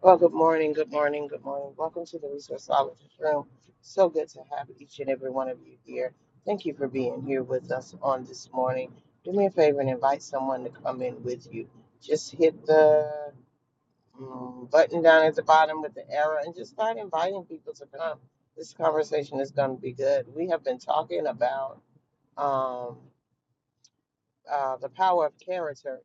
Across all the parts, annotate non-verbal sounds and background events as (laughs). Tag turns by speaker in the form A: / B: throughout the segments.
A: Well, good morning, good morning, good morning. Welcome to the Resourceologist Room. So good to have each and every one of you here. Thank you for being here with us on this morning. Do me a favor and invite someone to come in with you. Just hit the mm, button down at the bottom with the arrow and just start inviting people to come. This conversation is going to be good. We have been talking about um, uh, the power of character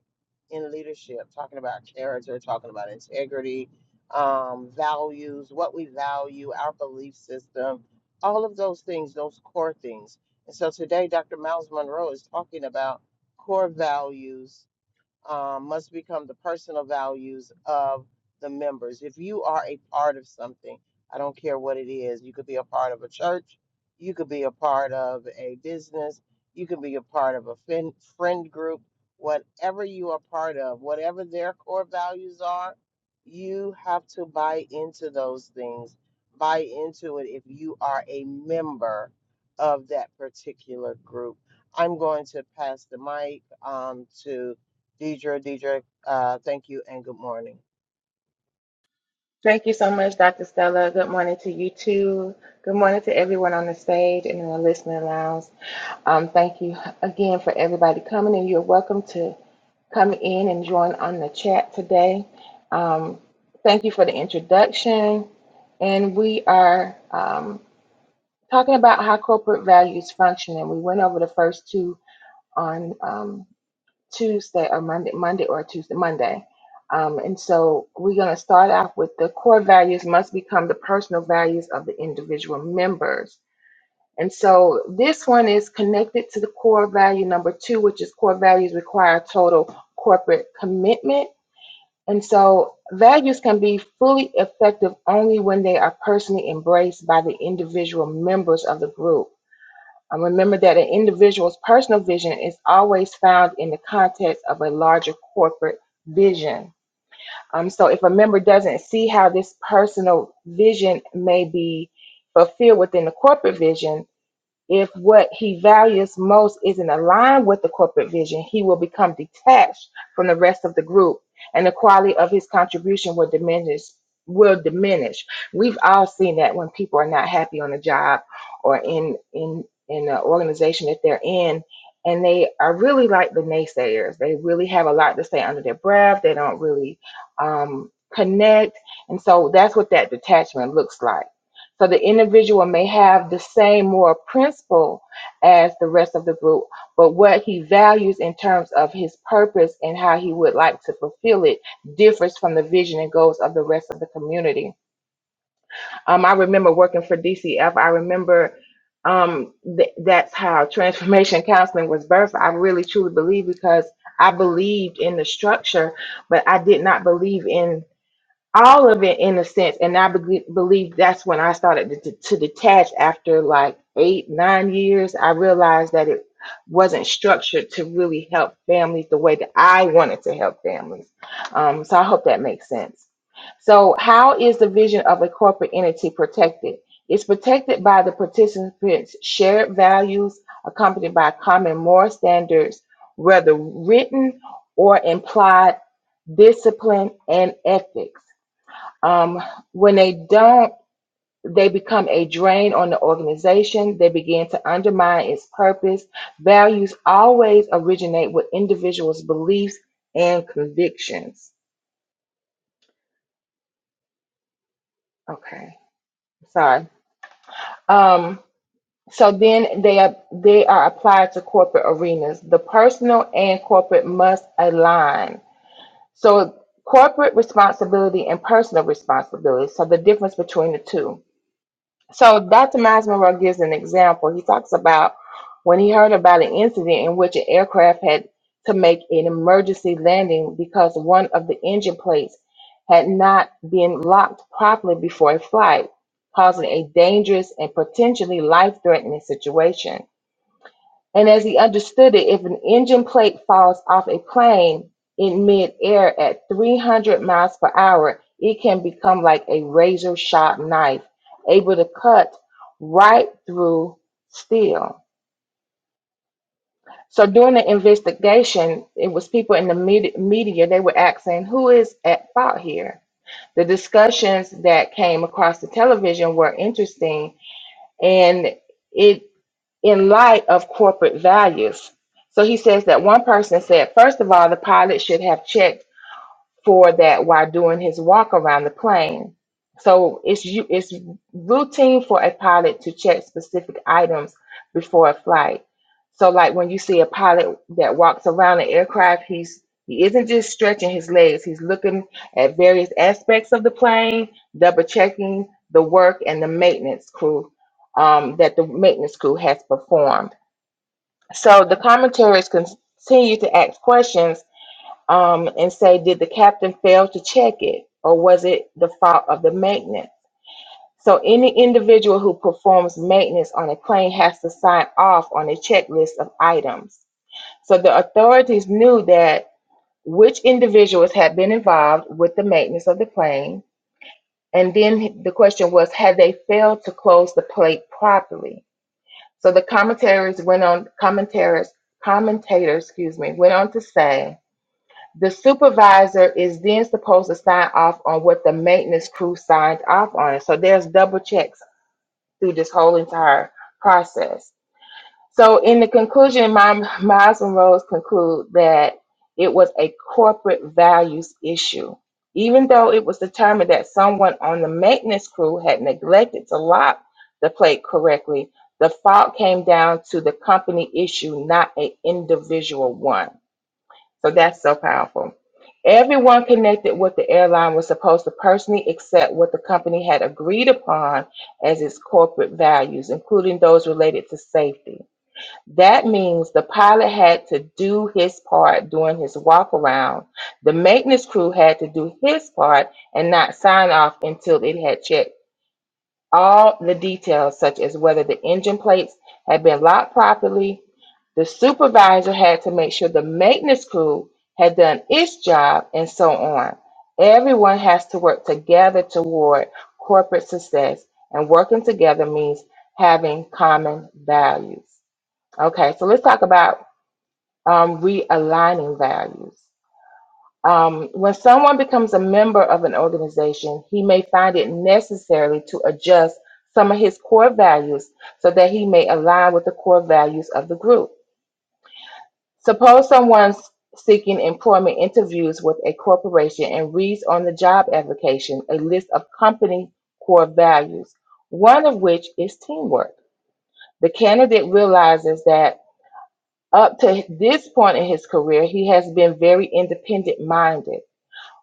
A: in leadership, talking about character, talking about integrity, um, values, what we value, our belief system, all of those things, those core things. And so today, Dr. Miles Monroe is talking about core values um, must become the personal values of the members. If you are a part of something, I don't care what it is, you could be a part of a church, you could be a part of a business, you could be a part of a fin- friend group, whatever you are part of, whatever their core values are, you have to buy into those things, buy into it if you are a member of that particular group. I'm going to pass the mic um, to Deidre, Deidre, uh, thank you and good morning.
B: Thank you so much, Dr. Stella. Good morning to you too. Good morning to everyone on the stage and in the listening lounge. Um, thank you again for everybody coming, and you're welcome to come in and join on the chat today. Um, thank you for the introduction. And we are um, talking about how corporate values function, and we went over the first two on. Um, Tuesday or Monday, Monday or Tuesday, Monday. Um, and so we're going to start off with the core values must become the personal values of the individual members. And so this one is connected to the core value number two, which is core values require total corporate commitment. And so values can be fully effective only when they are personally embraced by the individual members of the group. Um. remember that an individual's personal vision is always found in the context of a larger corporate vision. Um, so if a member doesn't see how this personal vision may be fulfilled within the corporate vision, if what he values most isn't aligned with the corporate vision, he will become detached from the rest of the group and the quality of his contribution will diminish will diminish. We've all seen that when people are not happy on a job or in in in the organization that they're in and they are really like the naysayers. They really have a lot to say under their breath. They don't really um connect. And so that's what that detachment looks like so the individual may have the same moral principle as the rest of the group, but what he values in terms of his purpose and how he would like to fulfill it differs from the vision and goals of the rest of the community. Um, I remember working for DCF. I remember um, th- that's how transformation counseling was birthed. I really truly believe because I believed in the structure, but I did not believe in all of it in a sense and i be- believe that's when i started to, to detach after like eight nine years i realized that it wasn't structured to really help families the way that i wanted to help families um, so i hope that makes sense so how is the vision of a corporate entity protected it's protected by the participants shared values accompanied by common moral standards whether written or implied discipline and ethics um, when they don't, they become a drain on the organization. They begin to undermine its purpose. Values always originate with individuals' beliefs and convictions. Okay, sorry. Um, so then they are they are applied to corporate arenas. The personal and corporate must align. So corporate responsibility and personal responsibility. So the difference between the two. So Dr. Miles Monroe gives an example. He talks about when he heard about an incident in which an aircraft had to make an emergency landing because one of the engine plates had not been locked properly before a flight, causing a dangerous and potentially life threatening situation. And as he understood it, if an engine plate falls off a plane in midair at 300 miles per hour, it can become like a razor sharp knife, able to cut right through steel. So during the investigation, it was people in the med- media, they were asking, who is at fault here? The discussions that came across the television were interesting and it in light of corporate values. So he says that one person said, first of all, the pilot should have checked for that while doing his walk around the plane. So it's you it's routine for a pilot to check specific items before a flight. So like when you see a pilot that walks around an aircraft, he's he isn't just stretching his legs, he's looking at various aspects of the plane, double checking the work and the maintenance crew um, that the maintenance crew has performed. So the commentaries continue to ask questions um, and say, did the captain fail to check it or was it the fault of the maintenance? So any individual who performs maintenance on a plane has to sign off on a checklist of items. So the authorities knew that which individuals had been involved with the maintenance of the plane. And then the question was, had they failed to close the plate properly? So the commentaries went on commentators commentators, excuse me, went on to say the supervisor is then supposed to sign off on what the maintenance crew signed off on. So there's double checks through this whole entire process. So in the conclusion, Miles and Rose conclude that it was a corporate values issue. Even though it was determined that someone on the maintenance crew had neglected to lock the plate correctly, the fault came down to the company issue, not an individual one. So that's so powerful. Everyone connected with the airline was supposed to personally accept what the company had agreed upon as its corporate values, including those related to safety. That means the pilot had to do his part during his walk around. The maintenance crew had to do his part and not sign off until it had checked all the details, such as whether the engine plates had been locked properly. The supervisor had to make sure the maintenance crew had done its job, and so on. Everyone has to work together toward corporate success, and working together means having common values. Okay, so let's talk about um, realigning values. Um, when someone becomes a member of an organization, he may find it necessary to adjust some of his core values so that he may align with the core values of the group. Suppose someone's seeking employment interviews with a corporation and reads on the job application a list of company core values, one of which is teamwork. The candidate realizes that up to this point in his career, he has been very independent minded.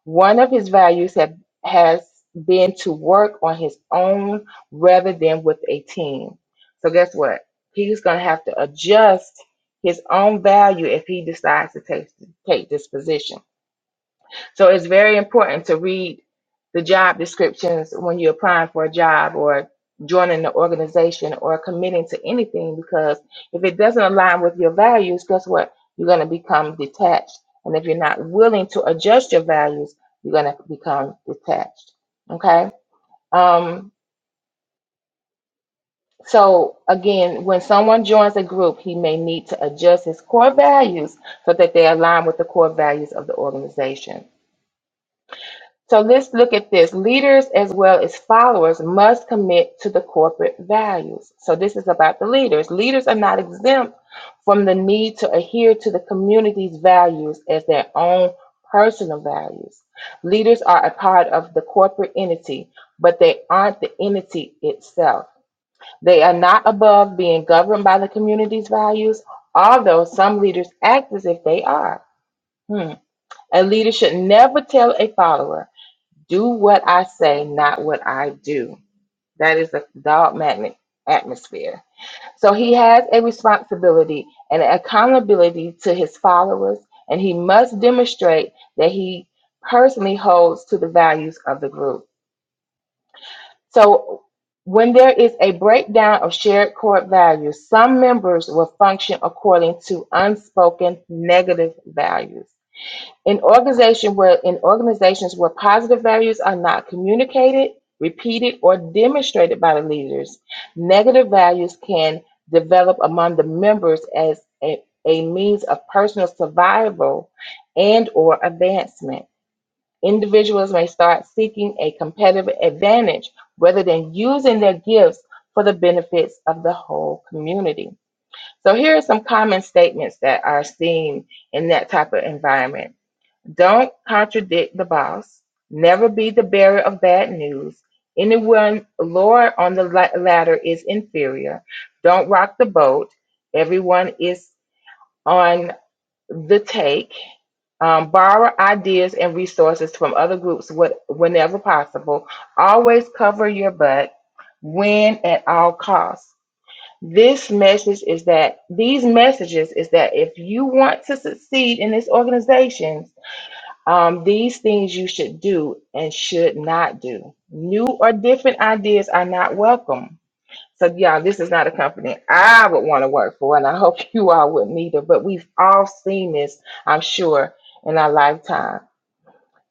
B: One of his values have, has been to work on his own rather than with a team. So guess what? He's going to have to adjust his own value if he decides to take take this position. So it's very important to read the job descriptions when you're applying for a job or joining the organization or committing to anything because if it doesn't align with your values, guess what? You're going to become detached. And if you're not willing to adjust your values, you're going to become detached. Okay? Um, so, again, when someone joins a group, he may need to adjust his core values so that they align with the core values of the organization. So let's look at this. Leaders as well as followers must commit to the corporate values. So this is about the leaders. Leaders are not exempt from the need to adhere to the community's values as their own personal values. Leaders are a part of the corporate entity, but they aren't the entity itself. They are not above being governed by the community's values, although some leaders act as if they are. Hmm. A leader should never tell a follower do what I say, not what I do. That is a dog magnet atmosphere. So he has a responsibility and an accountability to his followers, and he must demonstrate that he personally holds to the values of the group. So when there is a breakdown of shared core values, some members will function according to unspoken negative values. In organization where in organizations where positive values are not communicated, repeated, or demonstrated by the leaders, negative values can develop among the members as a, a means of personal survival and or advancement. Individuals may start seeking a competitive advantage rather than using their gifts for the benefits of the whole community. So here are some common statements that are seen in that type of environment don't contradict the boss. Never be the bearer of bad news. Anyone lower on the la- ladder is inferior. Don't rock the boat. Everyone is on the take. Um, borrow ideas and resources from other groups what, whenever possible. Always cover your butt. Win at all costs. This message is that these messages is that if you want to succeed in this organization, um, these things you should do and should not do. New or different ideas are not welcome. So, y'all, this is not a company I would want to work for, and I hope (laughs) you all wouldn't either. But we've all seen this, I'm sure, in our lifetime.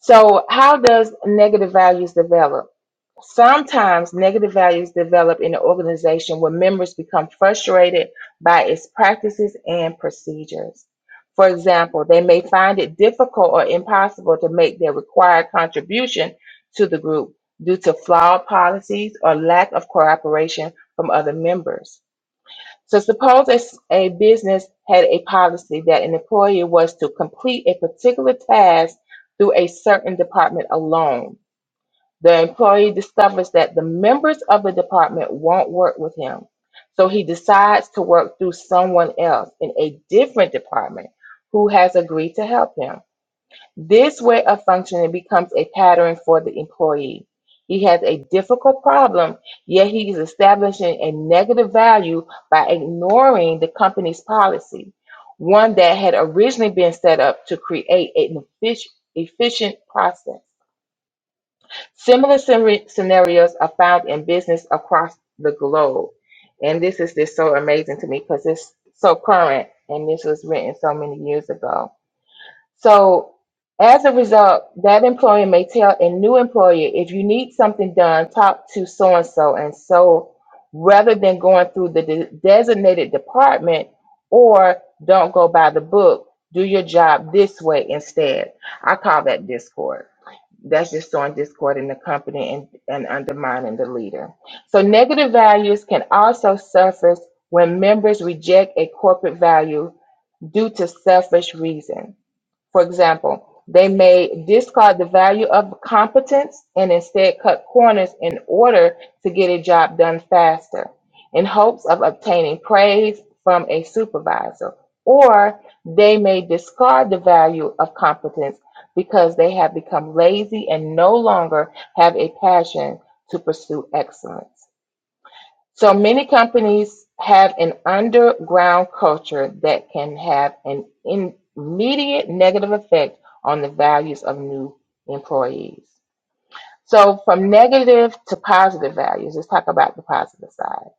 B: So, how does negative values develop? Sometimes negative values develop in an organization where members become frustrated by its practices and procedures. For example, they may find it difficult or impossible to make their required contribution to the group due to flawed policies or lack of cooperation from other members. So, suppose a a business had a policy that an employee was to complete a particular task through a certain department alone the employee discovers that the members of the department won't work with him. So he decides to work through someone else in a different department who has agreed to help him. This way of functioning becomes a pattern for the employee. He has a difficult problem, yet he is establishing a negative value by ignoring the company's policy, one that had originally been set up to create an effic- efficient process. Similar scenari- scenarios are found in business across the globe. And this is just so amazing to me because it's so current and this was written so many years ago. So, as a result, that employer may tell a new employer if you need something done, talk to so and so and so rather than going through the de- designated department or don't go by the book, do your job this way instead. I call that discord that's just sowing discord in the company and, and undermining the leader. So negative values can also surface when members reject a corporate value due to selfish reasons. For example, they may discard the value of competence and instead cut corners in order to get a job done faster in hopes of obtaining praise from a supervisor. Or they may discard the value of competence because they have become lazy and no longer have a passion to pursue excellence. So many companies have an underground culture that can have an immediate negative effect on the values of new employees. So, from negative to positive values, let's talk about the positive side.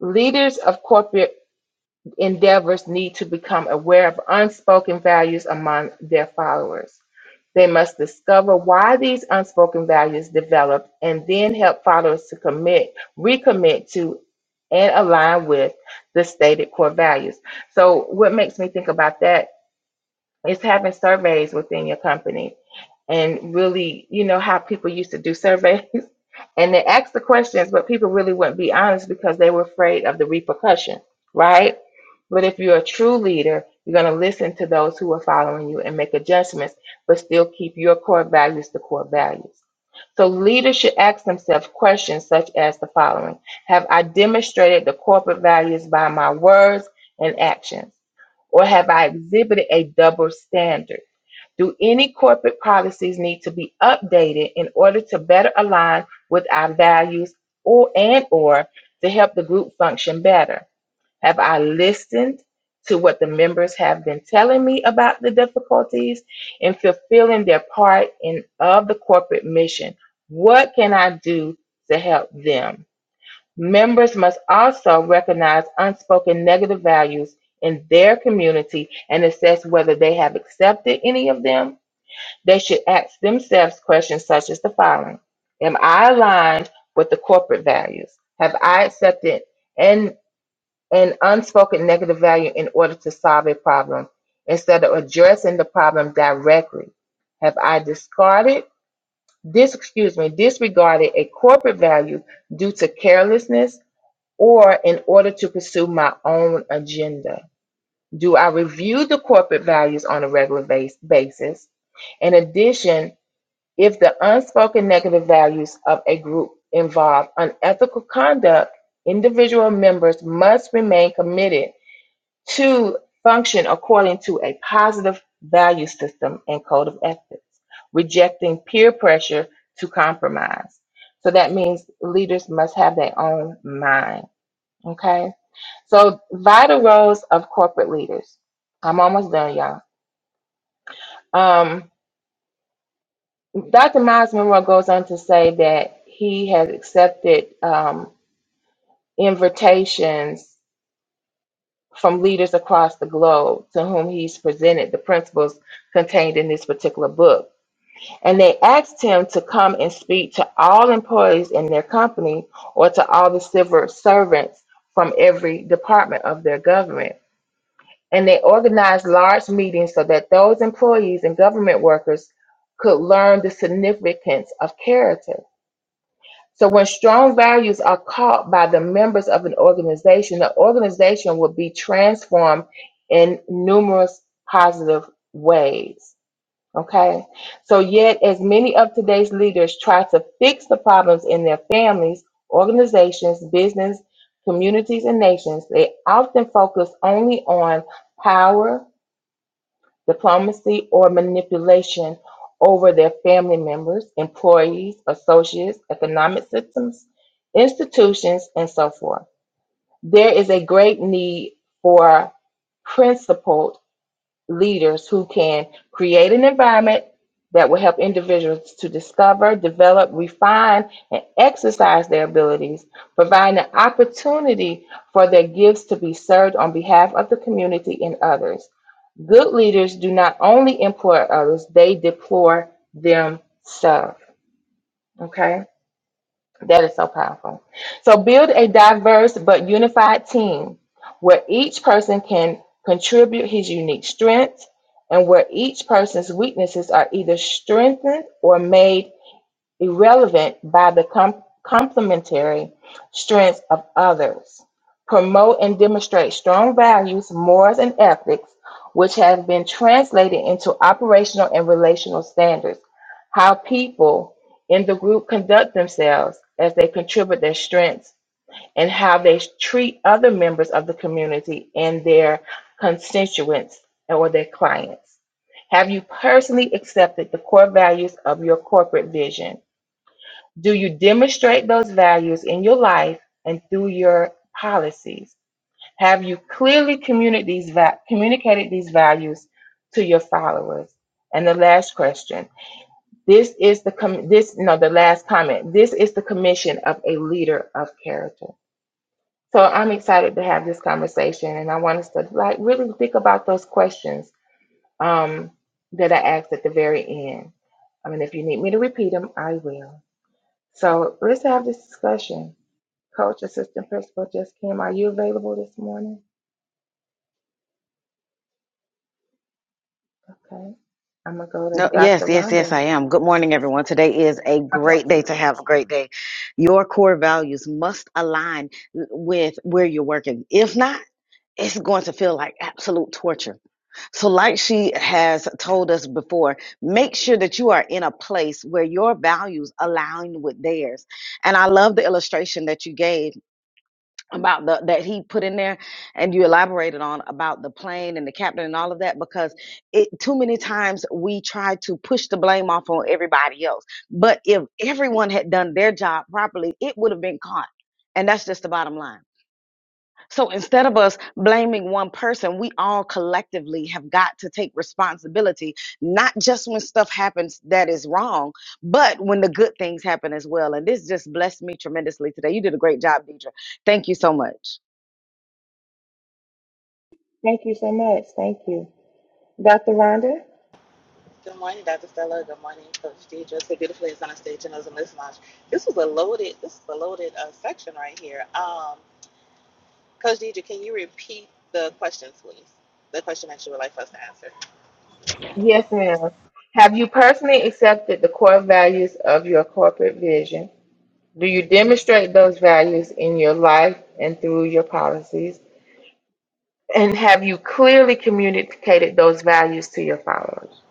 B: Leaders of corporate endeavors need to become aware of unspoken values among their followers. They must discover why these unspoken values develop and then help followers to commit, recommit to, and align with the stated core values. So, what makes me think about that is having surveys within your company and really, you know, how people used to do surveys (laughs) and they ask the questions, but people really wouldn't be honest because they were afraid of the repercussion, right? But if you're a true leader, you're going to listen to those who are following you and make adjustments, but still keep your core values the core values. So leaders should ask themselves questions such as the following Have I demonstrated the corporate values by my words and actions? Or have I exhibited a double standard? Do any corporate policies need to be updated in order to better align with our values or and or to help the group function better? Have I listened to what the members have been telling me about the difficulties in fulfilling their part in of the corporate mission? What can I do to help them? Members must also recognize unspoken negative values in their community and assess whether they have accepted any of them they should ask themselves questions such as the following Am I aligned with the corporate values? Have I accepted an, an unspoken negative value in order to solve a problem instead of addressing the problem directly? Have I discarded, dis, excuse me, disregarded a corporate value due to carelessness or in order to pursue my own agenda? Do I review the corporate values on a regular base, basis? In addition, if the unspoken negative values of a group involve unethical conduct, individual members must remain committed to function according to a positive value system and code of ethics, rejecting peer pressure to compromise. So that means leaders must have their own mind. Okay. So vital roles of corporate leaders. I'm almost done, y'all. Um, Dr. Miles Monroe goes on to say that he has accepted um, invitations from leaders across the globe to whom he's presented the principles contained in this particular book. And they asked him to come and speak to all employees in their company or to all the civil servants from every department of their government. And they organized large meetings so that those employees and government workers could learn the significance of character. So when strong values are caught by the members of an organization, the organization will be transformed in numerous positive ways. Okay. So yet as many of today's leaders try to fix the problems in their families, organizations, business, communities, and nations, they often focus only on power, diplomacy, or manipulation over their family members, employees, associates, economic systems, institutions, and so forth. There is a great need for principled leaders who can create an environment that will help individuals to discover, develop, refine, and exercise their abilities, providing an opportunity for their gifts to be served on behalf of the community and others. Good leaders do not only employ others, they deploy themselves. Okay. That is so powerful. So build a diverse but unified team where each person can contribute his unique strengths and where each person's weaknesses are either strengthened or made irrelevant by the com- complementary strengths of others. Promote and demonstrate strong values, morals, and ethics, which have been translated into operational and relational standards. How people in the group conduct themselves as they contribute their strengths and how they treat other members of the community and their constituents or their clients. Have you personally accepted the core values of your corporate vision? Do you demonstrate those values in your life and through your policies? Have you clearly communicated these, va- communicated these values to your followers? And the last question. This is the com- this no the last comment. This is the commission of a leader of character. So I'm excited to have this conversation, and I want us to like really think about those questions um, that I asked at the very end. I mean, if you need me to repeat them, I will. So let's have this discussion. Coach, assistant principal just came. Are you available this morning? Okay. I'm going to go to
C: No, yes,
B: Dr.
C: yes, yes,
B: Rhonda.
C: I am. Good morning, everyone. Today is a
B: Okay.
C: great day to have a great day. Your core values must align with where you're working. If not, it's going to feel like absolute torture. So, like she has told us before, make sure that you are in a place where your values align with theirs. And I love the illustration that you gave about the that he put in there and you elaborated on about the plane and the captain and all of that because it too many times we try to push the blame off on everybody else but if everyone had done their job properly it would have been caught and that's just the bottom line so instead of us blaming one person we all collectively have got to take responsibility not just when stuff happens that is wrong but when the good things happen as well and this just blessed me tremendously today you did a great job deidre thank you so much
B: Thank you so much. Thank you. Dr. Rhonda?
D: Good morning, Dr. Stella. Good morning, Coach Deidre. It's so beautiful is on the stage and those in this lounge. This was a loaded, this is a loaded uh, section right here. Um, Coach Deidre, can you repeat the question, please? The question that you would like for us to answer.
B: Yes, ma'am. Have you personally accepted the core values of your corporate vision? Do you demonstrate those values in your life and through your policies? And have you clearly communicated those values to your followers?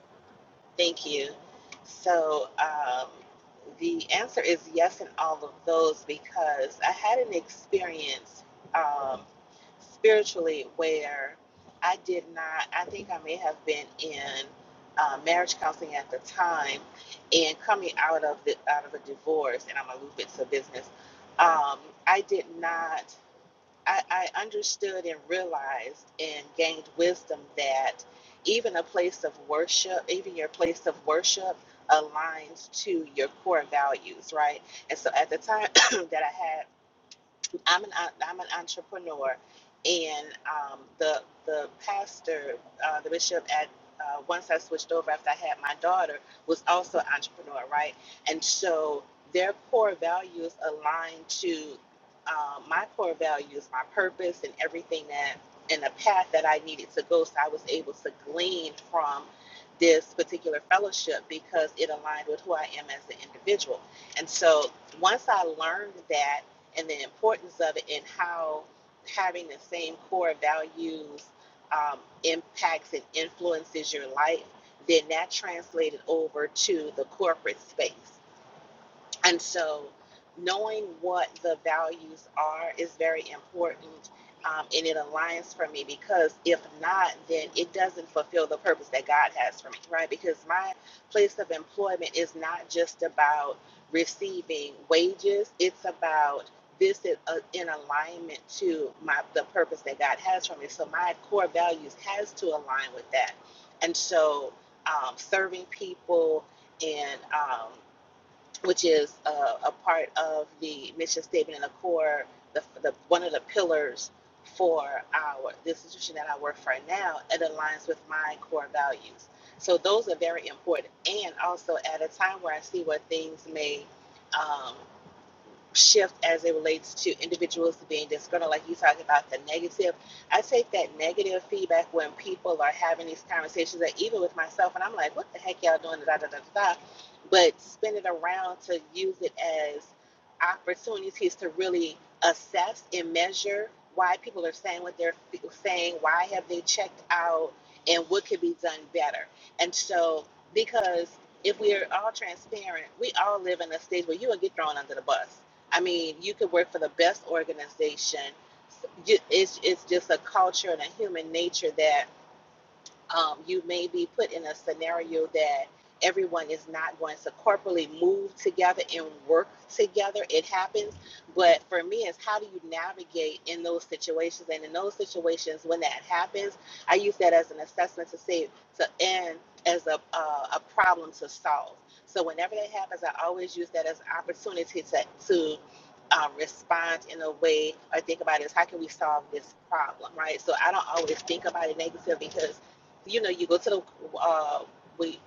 D: Thank you. So um, the answer is yes in all of those because I had an experience um, spiritually where I did not, I think I may have been in uh, marriage counseling at the time and coming out of the out of a divorce, and I'm gonna loop it to business. Um, I did not. I, I understood and realized and gained wisdom that even a place of worship, even your place of worship, aligns to your core values, right? And so at the time (clears throat) that I had I'm an I'm an entrepreneur, and um, the the pastor, uh, the bishop at uh, once I switched over after I had my daughter was also an entrepreneur, right? And so their core values align to um, my core values, my purpose, and everything that and the path that I needed to go. So I was able to glean from this particular fellowship because it aligned with who I am as an individual. And so once I learned that and the importance of it and how having the same core values um, impacts and influences your life, then that translated over to the corporate space. And so, knowing what the values are is very important, um, and it aligns for me because if not, then it doesn't fulfill the purpose that God has for me, right? Because my place of employment is not just about receiving wages; it's about this is uh, in alignment to my the purpose that God has for me. So my core values has to align with that, and so um, serving people and um, which is uh, a part of the mission statement and the core, the, the one of the pillars for our the institution that I work for now. It aligns with my core values. So those are very important. And also at a time where I see where things may. um, shift as it relates to individuals being disgruntled, like you talking about the negative. I take that negative feedback when people are having these conversations, that even with myself, and I'm like, what the heck y'all doing? Da, da, da, da, da. But spin it around to use it as opportunities to really assess and measure why people are saying what they're saying, why have they checked out, and what could be done better. And so, because if we are all transparent, we all live in a stage where you will get thrown under the bus I mean, you could work for the best organization. It's it's just a culture and a human nature that um, you may be put in a scenario that everyone is not going to corporately move together and work together. It happens. But for me, it's how do you navigate in those situations? And in those situations, when that happens, I use that as an assessment to say, to end as a, uh, a problem to solve. So whenever that happens, I always use that as an opportunity to, to um, respond in a way or think about is how can we solve this problem, right? So I don't always think about it negative because you know, you go to the uh, we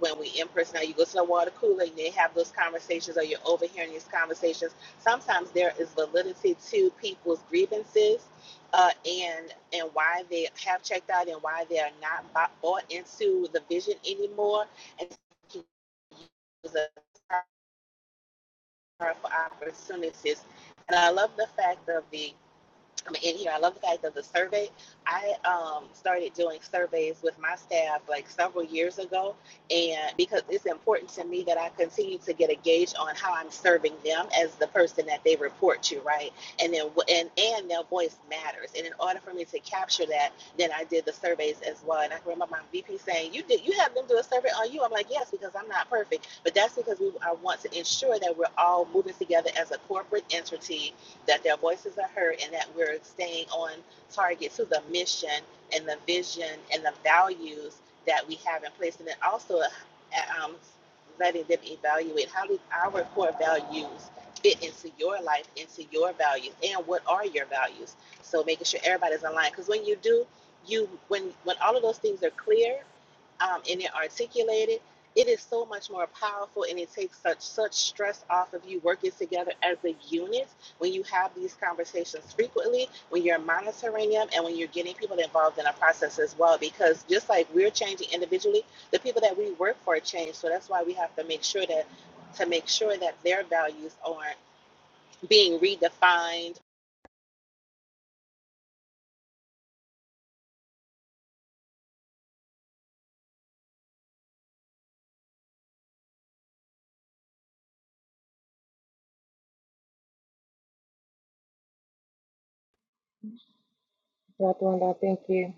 D: when we in person, now you go to the water cooler and they have those conversations, or you're overhearing these conversations. Sometimes there is validity to people's grievances, uh, and and why they have checked out and why they are not bought into the vision anymore, and can use a powerful opportunities. And I love the fact of the but in here, I love the fact of the survey. I um, started doing surveys with my staff like several years ago, and because it's important to me that I continue to get a gauge on how I'm serving them as the person that they report to, right? And then and and their voice matters. And in order for me to capture that, then I did the surveys as well. And I can remember my VP saying, "You did you have them do a survey on you?" I'm like, "Yes, because I'm not perfect, but that's because we I want to ensure that we're all moving together as a corporate entity." that their voices are heard and that we're staying on target to the mission and the vision and the values that we have in place. And then also uh, um, letting them evaluate how do our core values fit into your life, into your values, and what are your values. So making sure everybody's aligned. Because when you do, you when when all of those things are clear um, and they're articulated, it is so much more powerful and it takes such such stress off of you working together as a unit when you have these conversations frequently, when you're monitoring them, and when you're getting people involved in a process as well. Because just like we're changing individually, the people that we work for change. So that's why we have to make sure that to make sure that their values are not being redefined
B: Dr. Rhonda, thank you.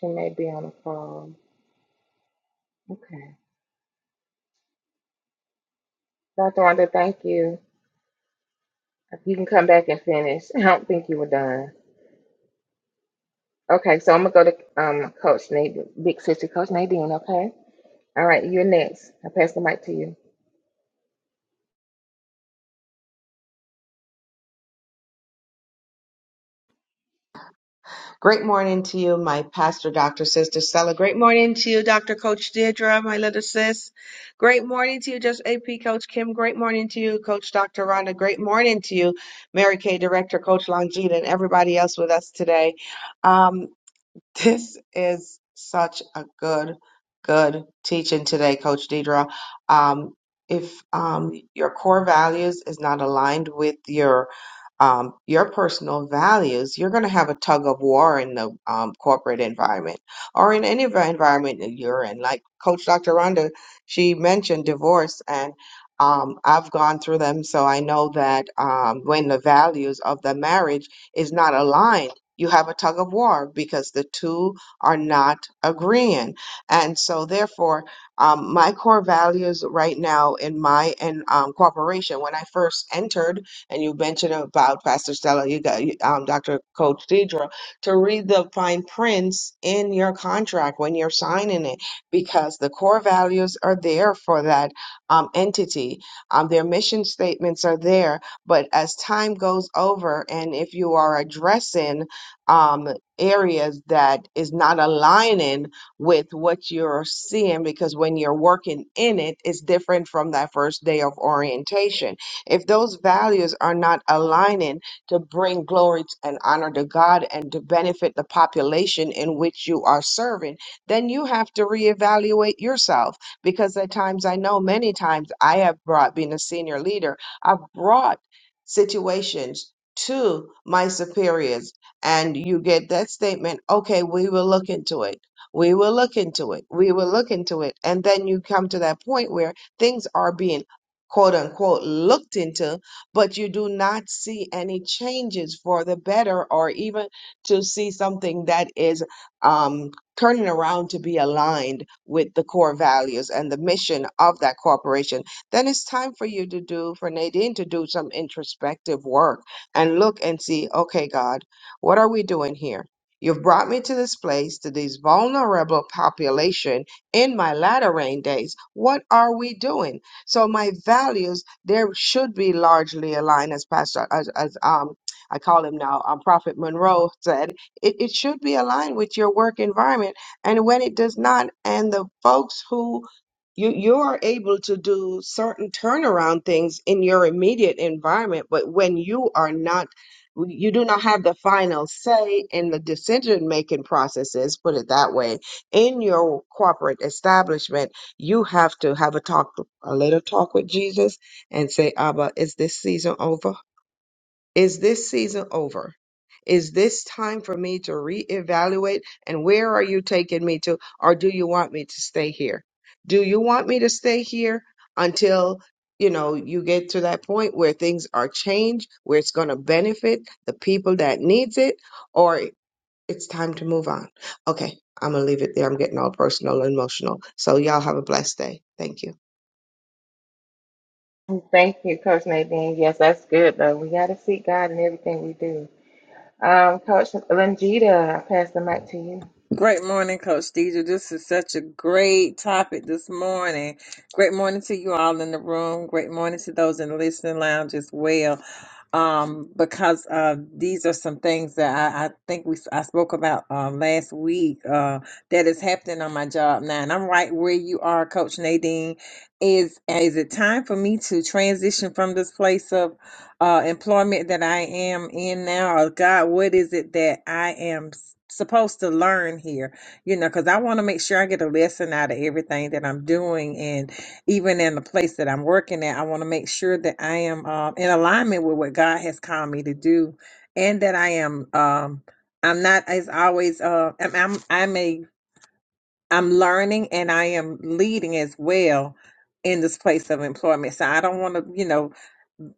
B: She may be on the call. Okay. Dr. Rhonda, thank you. You can come back and finish. I don't think you were done. Okay, so I'm gonna go to um Coach Nadine, Big Sister Coach Nadine. Okay. All right, you're next. I pass the mic to you.
E: Great morning to you, my pastor, Dr. Sister Stella. Great morning to you, Dr. Coach Deirdre, my little sis. Great morning to you, just AP Coach Kim. Great morning to you, Coach Dr. Rhonda. Great morning to you, Mary Kay Director, Coach Longita, and everybody else with us today. Um, this is such a good, good teaching today, Coach Deidre. Um, if um, your core values is not aligned with your um, your personal values, you're going to have a tug of war in the um, corporate environment or in any envi- environment that you're in. Like Coach Dr. Rhonda, she mentioned divorce, and um, I've gone through them, so I know that um, when the values of the marriage is not aligned you have a tug of war because the two are not agreeing. And so, therefore, um, my core values right now in my in, um, corporation, when I first entered, and you mentioned about Pastor Stella, you got you- um, Dr. Coach Deidre, to read the fine prints in your contract when you're signing it, because the core values are there for that um, entity. Um, their mission statements are there. But as time goes over, and if you are addressing um, areas that is not aligning with what you're seeing because when you're working in it, it's different from that first day of orientation. If those values are not aligning to bring glory t- and honor to God and to benefit the population in which you are serving, then you have to reevaluate yourself because at times I know many times I have brought, being a senior leader, I've brought situations to my superiors and you get that statement, okay, we will look into it. We will look into it. We will look into it. And then you come to that point where things are being quote unquote looked into, but you do not see any changes for the better or even to see something that is um, turning around to be aligned with the core values and the mission of that corporation. Then it's time for you to do, for Nadine to do some introspective work and look and see, okay, God. What are we doing here? You've brought me to this place, to this vulnerable population in my latter rain days. What are we doing? So my values, there should be largely aligned as Pastor, as, as um, I call him now, um, Prophet Monroe said, it, it should be aligned with your work environment. And when it does not, and the folks who you you are able to do certain turnaround things in your immediate environment but when you are not you do not have the final say in the decision making processes, put it that way. In your corporate establishment, you have to have a talk, a little talk with Jesus and say, Abba, is this season over? Is this season over? Is this time for me to reevaluate? And where are you taking me to? Or do you want me to stay here? Do you want me to stay here until, you know, you get to that point where things are changed, where it's going to benefit the people that needs it, or it's time to move on? Okay, I'm going to leave it there. I'm getting all personal and emotional. So y'all have a blessed day. Thank you.
B: Thank you, Coach Nadine. Yes, that's good though. We gotta seek God in everything we do. Um, Coach Lingita, I pass the mic to you.
F: Great morning, Coach Deidre. This is such a great topic this morning. Great morning to you all in the room. Great morning to those in the listening lounge as well um, because uh, these are some things that I, I think we I spoke about uh, last week uh, that is happening on my job now, and I'm right where you are, Coach Nadine. Is is it time for me to transition from this place of uh, employment that I am in now? Or God, what is it that I am s- supposed to learn here? You know, because I want to make sure I get a lesson out of everything that I'm doing, and even in the place that I'm working at, I want to make sure that I am um, in alignment with what God has called me to do, and that I am. Um, I'm not as always. Uh, I'm, I'm. I'm a. I'm learning, and I am leading as well in this place of employment. So I don't want to, you know,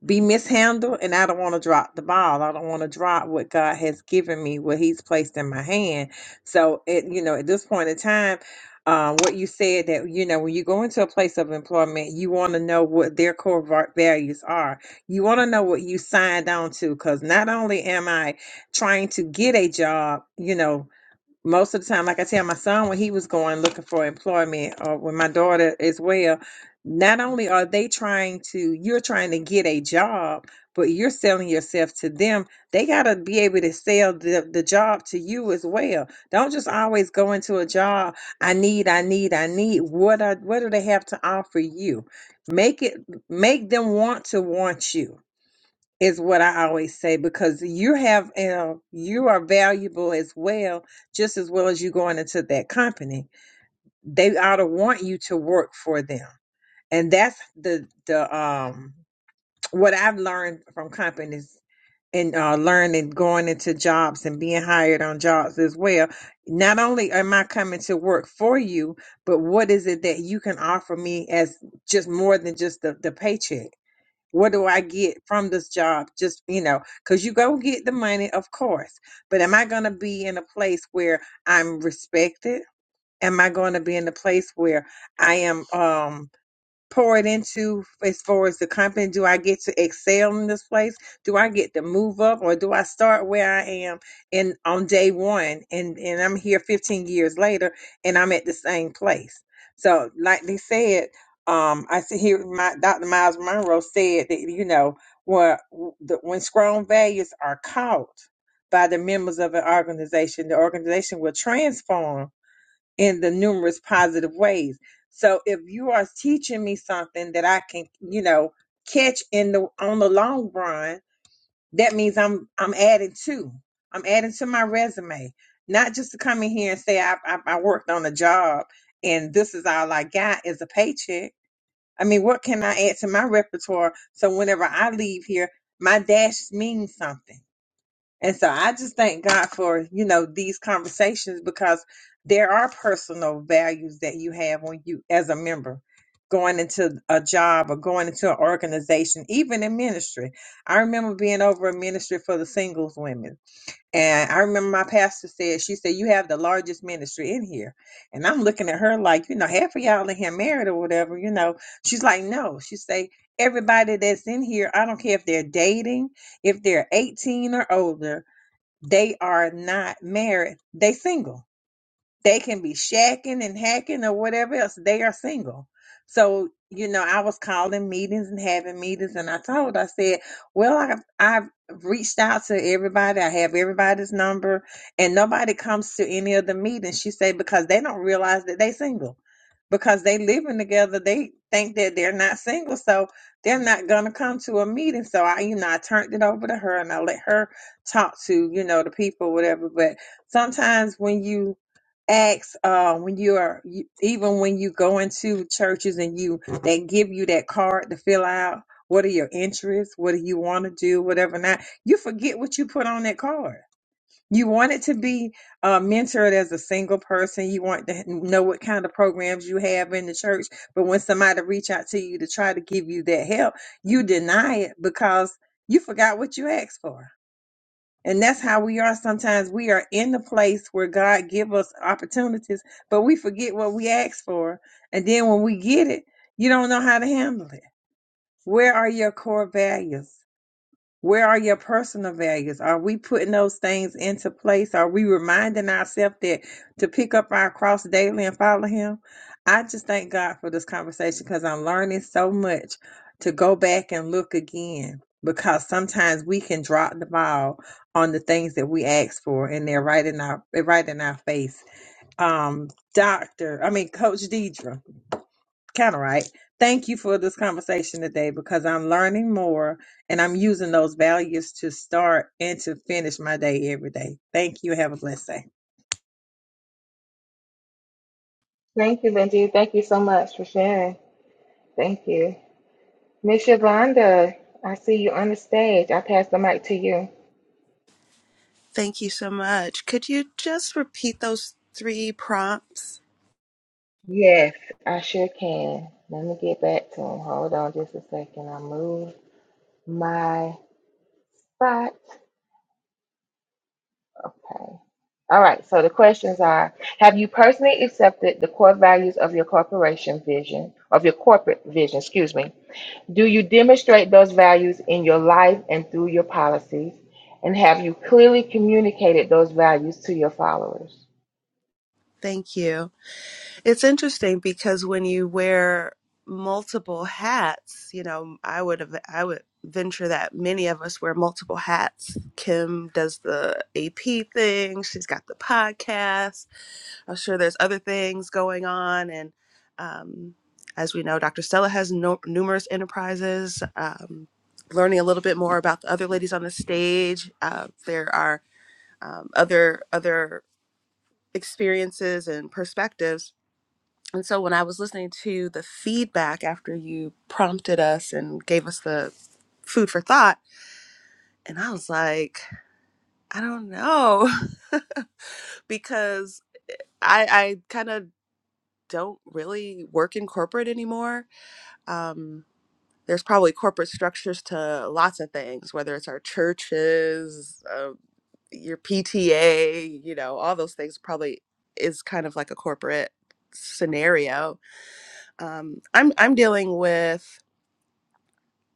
F: be mishandled and I don't want to drop the ball. I don't want to drop what God has given me, what He's placed in my hand. So it, you know, at this point in time, uh, what you said that you know when you go into a place of employment, you want to know what their core va- values are. You want to know what you signed on to, because not only am I trying to get a job, you know, most of the time, like I tell my son when he was going looking for employment or when my daughter as well, not only are they trying to, you're trying to get a job, but you're selling yourself to them. They got to be able to sell the, the job to you as well. Don't just always go into a job. I need, I need, I need. What are, what do they have to offer you? Make it, make them want to want you is what I always say because you have uh, you are valuable as well, just as well as you going into that company. They ought to want you to work for them, and that's the the um what I've learned from companies and uh, learning going into jobs and being hired on jobs as well. Not only am I coming to work for you, but what is it that you can offer me as just more than just the the paycheck? what do I get from this job? Just, you know, because you go get the money, of course. But am I going to be in a place where I'm respected? Am I going to be in a place where I am? Um, pour it into as far as the company? Do I get to excel in this place? Do I get to move up or do I start where I am and on day one and, and I'm here 15 years later and I'm at the same place? So like they said, um, I see here my Dr. Miles Monroe said that, you know, when the, when strong values are caught by the members of an organization, the organization will transform in the numerous positive ways. So if you are teaching me something that I can, you know, catch in the on the long run, that means I'm I'm adding to. I'm adding to my resume. Not just to come in here and say I I, I worked on a job and this is all I got is a paycheck. I mean, what can I add to my repertoire so whenever I leave here, my dash means something and so I just thank God for, you know, these conversations because there are personal values that you have when you, as a member, going into a job or going into an organization, even in ministry. I remember being over a ministry for the singles women. And I remember my pastor said, she said, you have the largest ministry in here. And I'm looking at her like, you know, half of y'all in here married or whatever, you know. She's like, no. She say, everybody that's in here, I don't care if they're dating, if they're 18 or older, they are not married. They single they can be shacking and hacking or whatever else. They are single. So, you know, I was calling meetings and having meetings and I told, I said, well, I've, I've reached out to everybody. I have everybody's number and nobody comes to any of the meetings. She said, because they don't realize that they single because they living together. They think that they're not single. So they're not going to come to a meeting. So I, you know, I turned it over to her and I let her talk to, you know, the people, whatever. But sometimes when you, acts uh, when you are you- even when you go into churches and you they give you that card to fill out what are your interests what do you want to do whatever not you forget what you put on that card you want it to be uh, mentored as a single person you want to know what kind of programs you have in the church but when somebody reach out to you to try to give you that help you deny it because you forgot what you asked for and that's how we are sometimes. We are in the place where God give us opportunities, but we forget what we asked for. And then when we get it, you don't know how to handle it. Where are your core values? Where are your personal values? Are we putting those things into place? Are we reminding ourselves that to pick up our cross daily and follow Him? I just thank God for this conversation because I'm learning so much to go back and look again because sometimes we can drop the ball on the things that we ask for and they're right in our they're right in our face. Um, doctor, I mean Coach Deidre kind of right. Thank you for this conversation today because I'm learning more and I'm using those values to start and to finish my day every day. Thank you. Have a blessed day.
B: Thank you, Lingita. Thank you so much for sharing. Thank you, Miss Yolanda. I see you on the stage. I pass the mic to you.
G: Thank you so much. Could you just repeat those three prompts?
B: Yes, I sure can. Let me get back to him. Hold on just a second. I move. my spot. Okay. All right. So the questions are Have you personally accepted the core values of your corporation vision, of your corporate vision, excuse me? Do you demonstrate those values in your life and through your policies? And have you clearly communicated those values to your followers?
G: Thank you. It's interesting because when you wear multiple hats, you know, I would have I would venture that many of us wear multiple hats. Kim does the AP thing, she's got the podcast, I'm sure there's other things going on. And um, as we know, Dr. Stella has no, numerous enterprises. Um, learning a little bit more about the other ladies on the stage, uh, there are um, other other experiences and perspectives. And so when I was listening to the feedback after you prompted us and gave us the food for thought, and I was like, I don't know (laughs) because I I kind of don't really work in corporate anymore. Um, there's probably corporate structures to lots of things, whether it's our churches, uh, your PTA, you know, all those things probably is kind of like a corporate scenario. Um, I'm I'm dealing with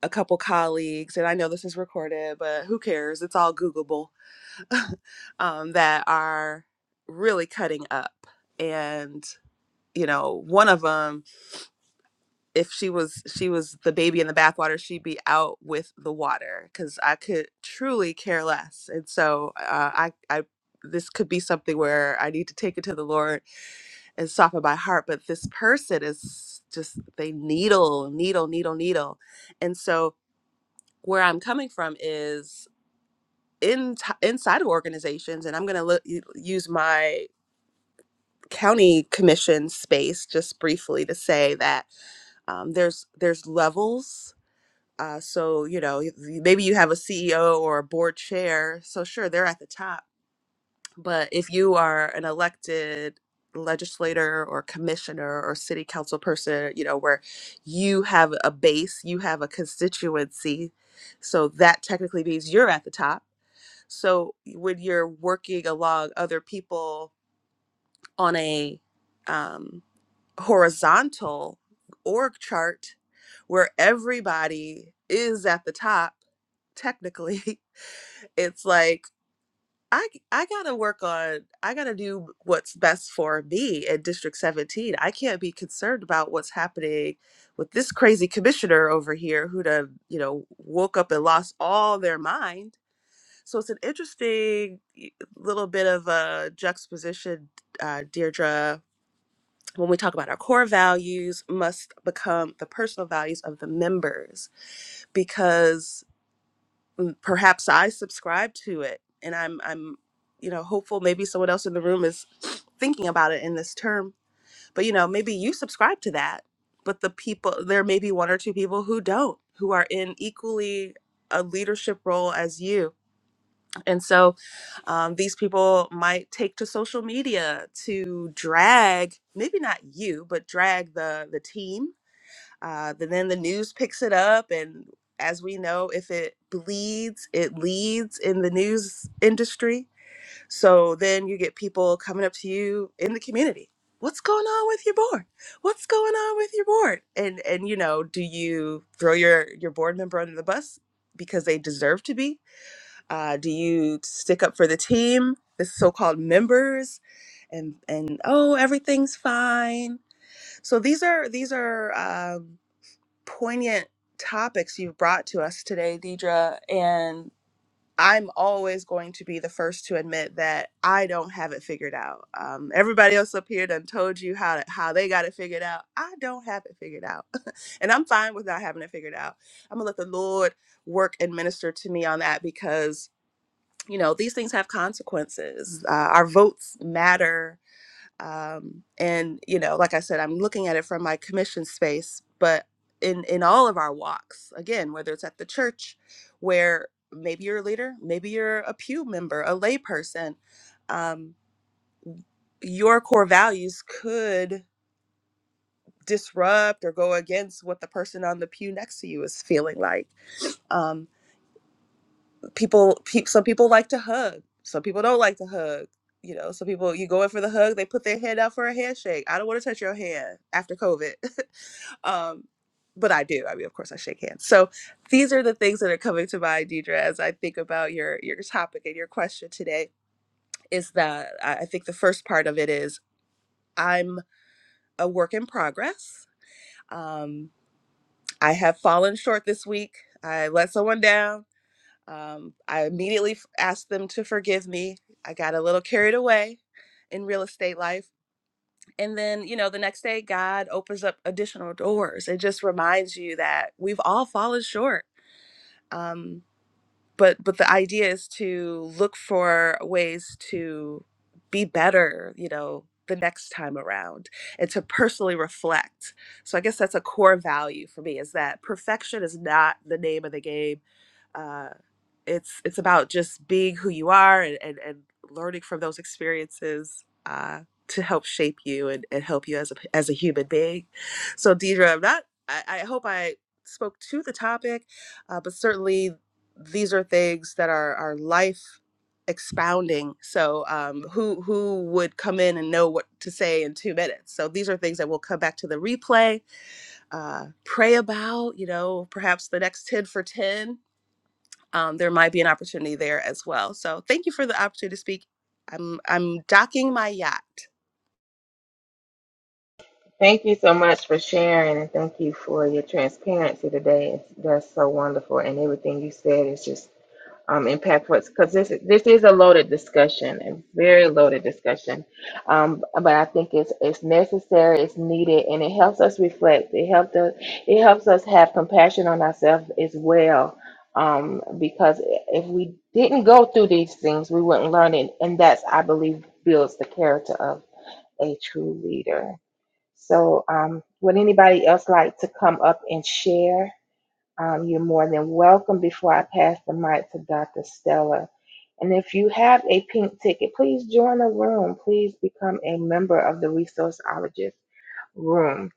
G: a couple colleagues, and I know this is recorded, but who cares? It's all Googleable. (laughs) um, that are really cutting up, and you know, one of them if she was she was the baby in the bathwater, she'd be out with the water because I could truly care less. And so uh, I I this could be something where I need to take it to the Lord and soften my heart. But this person is just they needle needle needle needle, and so where I'm coming from is in inside of organizations, and I'm gonna look, use my county commission space just briefly to say that um, there's there's levels Uh, so, you know, maybe you have a CEO or a board chair. So, sure, they're at the top. But if you are an elected legislator or commissioner or city council person, you know, where you have a base, you have a constituency. So, that technically means you're at the top. So, when you're working along other people on a um, horizontal org chart where everybody is at the top technically (laughs) it's like I, I gotta work on i gotta do what's best for me in district 17 i can't be concerned about what's happening with this crazy commissioner over here who done you know woke up and lost all their mind so it's an interesting y- little bit of a juxtaposition uh, deirdre when we talk about our core values must become the personal values of the members because perhaps I subscribe to it and I'm I'm you know hopeful maybe someone else in the room is (sniffs) thinking about it in this term but you know maybe you subscribe to that but the people there may be one or two people who don't who are in equally a leadership role as you and so um, these people might take to social media to drag maybe not you but drag the the team uh, but then the news picks it up, and as we know, if it bleeds, it leads in the news industry. So then you get people coming up to you in the community. What's going on with your board? What's going on with your board? And and you know, do you throw your your board member under the bus because they deserve to be? Uh, do you stick up for the team, the so-called members, and and oh, everything's fine? So these are these are. Um, poignant topics you've brought to us today, Deidre. And I'm always going to be the first to admit that I don't have it figured out. Um, everybody else up here done told you how to, how they got it figured out. I don't have it figured out, (laughs) and I'm fine with not having it figured out. I'm gonna let the Lord work and minister to me on that because you know these things have consequences. Uh, our votes matter um, and you know like i said i'm looking at it from my commission space but in in all of our walks again whether it's at the church where maybe you're a leader maybe you're a pew member a layperson um, your core values could disrupt or go against what the person on the pew next to you is feeling like Um, people pe- some people like to hug some people don't like to hug you know some people you go in for the hug they put their hand out for a handshake i don't want to touch your hand after covid (laughs) um but i do i mean of course i shake hands so these are the things that are coming to mind deidre as i think about your your topic and your question today is that i I think the first part of it is i'm a work in progress um i have fallen short this week i let someone down Um, I immediately f- asked them to forgive me. I got a little carried away in real estate life. And then, you know, the next day, God opens up additional doors. It just reminds you that we've all fallen short. Um, but but the idea is to look for ways to be better you know the next time around and to personally reflect so i guess that's a core value for me is that perfection is not the name of the game uh, it's it's about just being who you are and and, and learning from those experiences uh, to help shape you and, and help you as a as a human being so deidre i'm not i, I hope i spoke to the topic uh, but certainly these are things that are are life expounding so um, who who would come in and know what to say in two minutes so these are things that we'll come back to the replay uh, pray about you know perhaps the next 10 for 10 um, there might be an opportunity there as well so thank you for the opportunity to speak i'm i'm docking my yacht
B: Thank you so much for sharing and thank you for your transparency today. It's, that's so wonderful. And everything you said is just um, impact for because this this is a loaded discussion, a very loaded discussion. Um, but I think it's it's necessary, it's needed, and it helps us reflect. It helps us it helps us have compassion on ourselves as well. Um, because if we didn't go through these things, we wouldn't learn it, and that's I believe builds the character of a true leader. So, um, would anybody else like to come up and share? Um, you're more than welcome. Before I pass the mic to Dr. Stella. And if you have a pink ticket, please join the room. Please become a member of the Resourceologist room.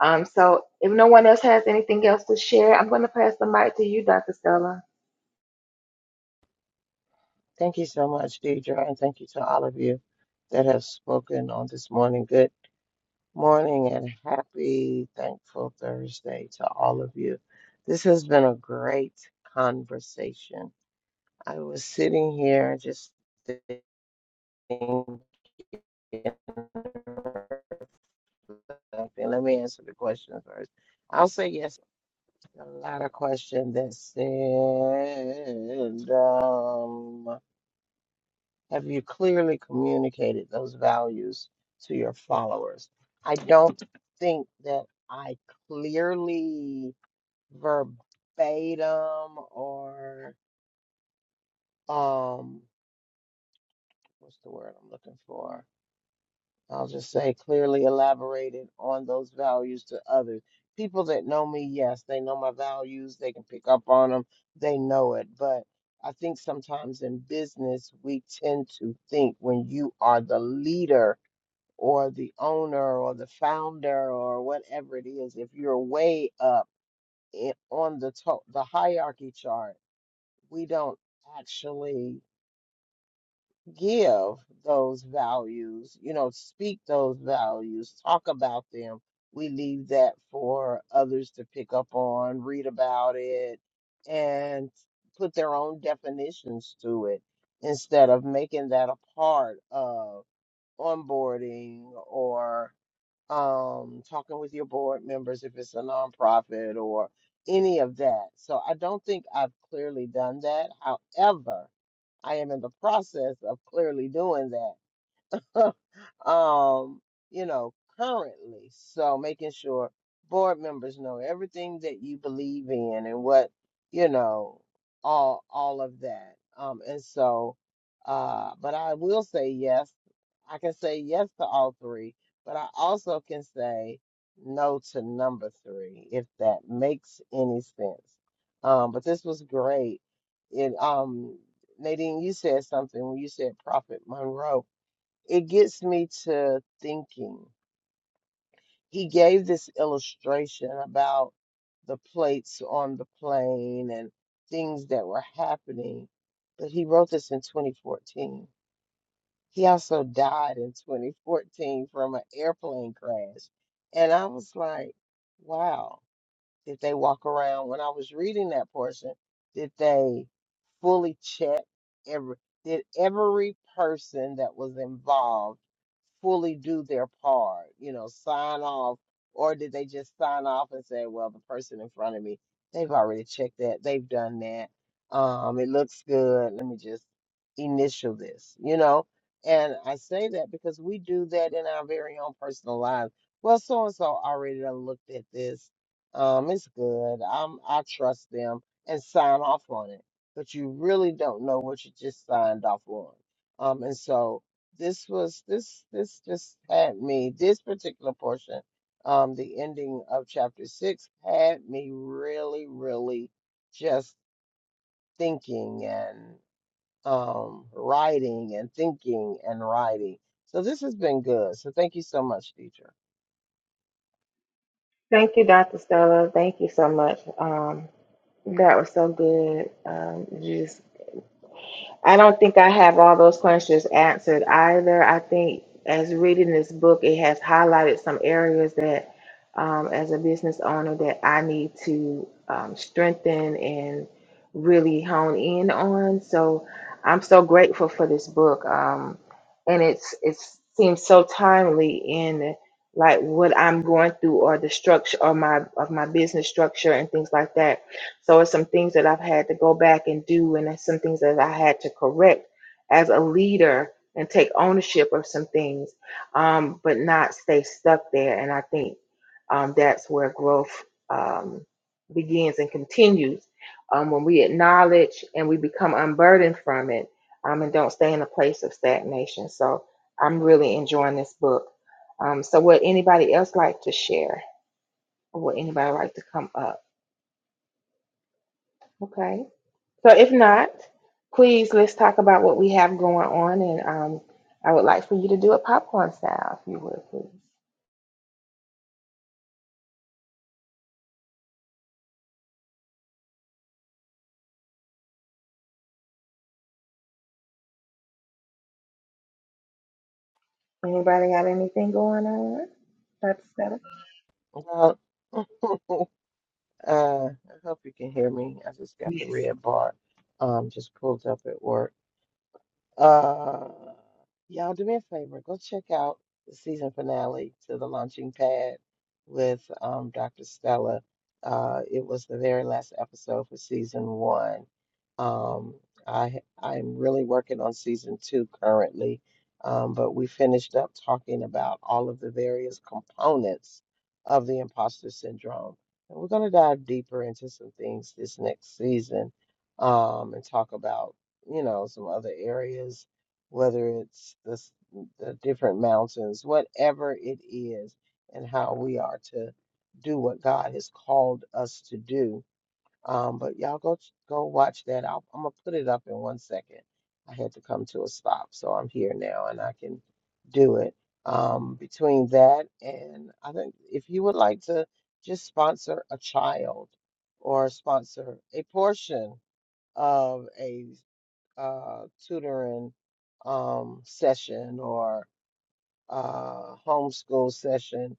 B: Um, so if no one else has anything else to share, I'm going to pass the mic to you, Dr. Stella.
A: Thank you so much, Deidre, and thank you to all of you that have spoken on this morning. Good morning and happy Thankful Thursday to all of you. This has been a great conversation. I was sitting here just thinking. Okay, Let me answer the question first. I'll say yes. A lot of question that said, um, Have you clearly communicated those values to your followers? I don't think that I clearly verbatim or um what's the word I'm looking for? I'll just say clearly elaborated on those values to others. People that know me, yes, they know my values, they can pick up on them, they know it, but I think sometimes in business, we tend to think when you are the leader or the owner or the founder or whatever it is, if you're way up in, on the to- the hierarchy chart, we don't actually give those values, you know, speak those values, talk about them. We leave that for others to pick up on, read about it, and put their own definitions to it instead of making that a part of onboarding or um, talking with your board members if it's a nonprofit or any of that. So I don't think I've clearly done that. However, I am in the process of clearly doing that. (laughs) um, you know, currently. So making sure board members know everything that you believe in and what, you know, all all of that. Um, and so, uh, but I will say yes. I can say yes to all three, but I also can say no to number three, if that makes any sense. Um, but this was great. It um Nadine, you said something when you said Prophet Monroe it gets me to thinking. He gave this illustration about the plates on the plane and things that were happening, but he wrote this in 2014. He also died in 2014 from an airplane crash. And I was like, wow. Did they walk around? When I was reading that portion, did they fully check every, did every person that was involved fully do their part, you know, sign off, or did they just sign off and say, well, the person in front of me, they've already checked that, they've done that. Um, it looks good. Let me just initial this, you know? And I say that because we do that in our very own personal lives. Well, so and so already done looked at this um, it's good. I'm I trust them and sign off on it. But you really don't know what you just signed off on. Um, and so this was this this just had me this particular portion, um, the ending of chapter six had me really, really just thinking and um writing and thinking and writing. So this has been good. So thank you so much, teacher.
B: Thank you, Dr. Stella. Thank you so much. Um, that was so good. Um, you just I don't think I have all those questions answered either. I think as reading this book, it has highlighted some areas that, um, as a business owner, that I need to um, strengthen and really hone in on. So I'm so grateful for this book, um, and it's it seems so timely in like what I'm going through or the structure of my of my business structure and things like that so it's some things that I've had to go back and do, and it's some things that I had to correct as a leader and take ownership of some things, um, but not stay stuck there. And I think um, that's where growth um, begins and continues um, when we acknowledge and we become unburdened from it um, and don't stay in a place of stagnation. So I'm really enjoying this book. Um, so would anybody else like to share? Or would anybody like to come up? Okay. So if not, please let's talk about what we have going on, and um, I would like for you to do it popcorn style, if you would, please. Anybody got anything going on? That's settled.
A: Uh, I hope you can hear me. I just got the
B: Yes.
A: red bar um just pulled up at work. Uh, y'all do me a favor. Go check out the season finale to The Launching Pad with um, Dr. Stella. Uh, it was the very last episode for season one. Um, I I'm really working on season two currently, um, but we finished up talking about all of the various components of the imposter syndrome. And we're going to dive deeper into some things this next season um, and talk about you know, some other areas, whether it's the, s- the different mountains, whatever it is, and how we are to do what God has called us to do. Um, but y'all go ch- go watch that. I'll, I'm gonna put it up in one second. I had to come to a stop, so I'm here now and I can do it. Um, between that and I think if you would like to just sponsor a child or sponsor a portion of a uh, tutoring um, session or uh, homeschool session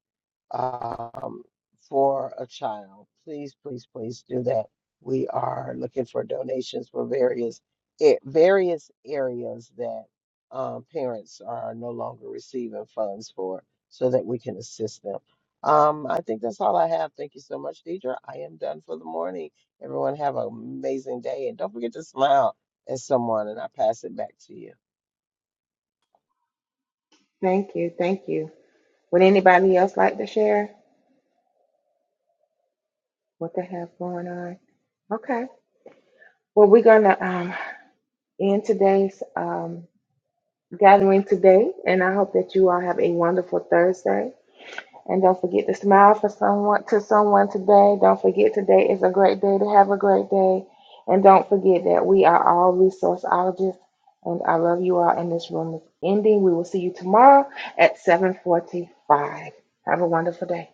A: um, for a child. Please, please, please do that. We are looking for donations for various a- various areas that um, parents are no longer receiving funds for, so that we can assist them. Um, I think that's all I have. Thank you so much, Deidre. I am done for the morning. Everyone have an amazing day, and don't forget to smile at someone. And I pass it back to you.
B: Thank you. Thank you. Would anybody else like to share what they have going on? Okay. Well, we're gonna um, end today's um, gathering today, and I hope that you all have a wonderful Thursday. And don't forget to smile for someone to someone today. Don't forget today is a great day to have a great day. And don't forget that we are all resourceologists. And I love you all. And this room is ending. We will see you tomorrow at 7:45. Have a wonderful day.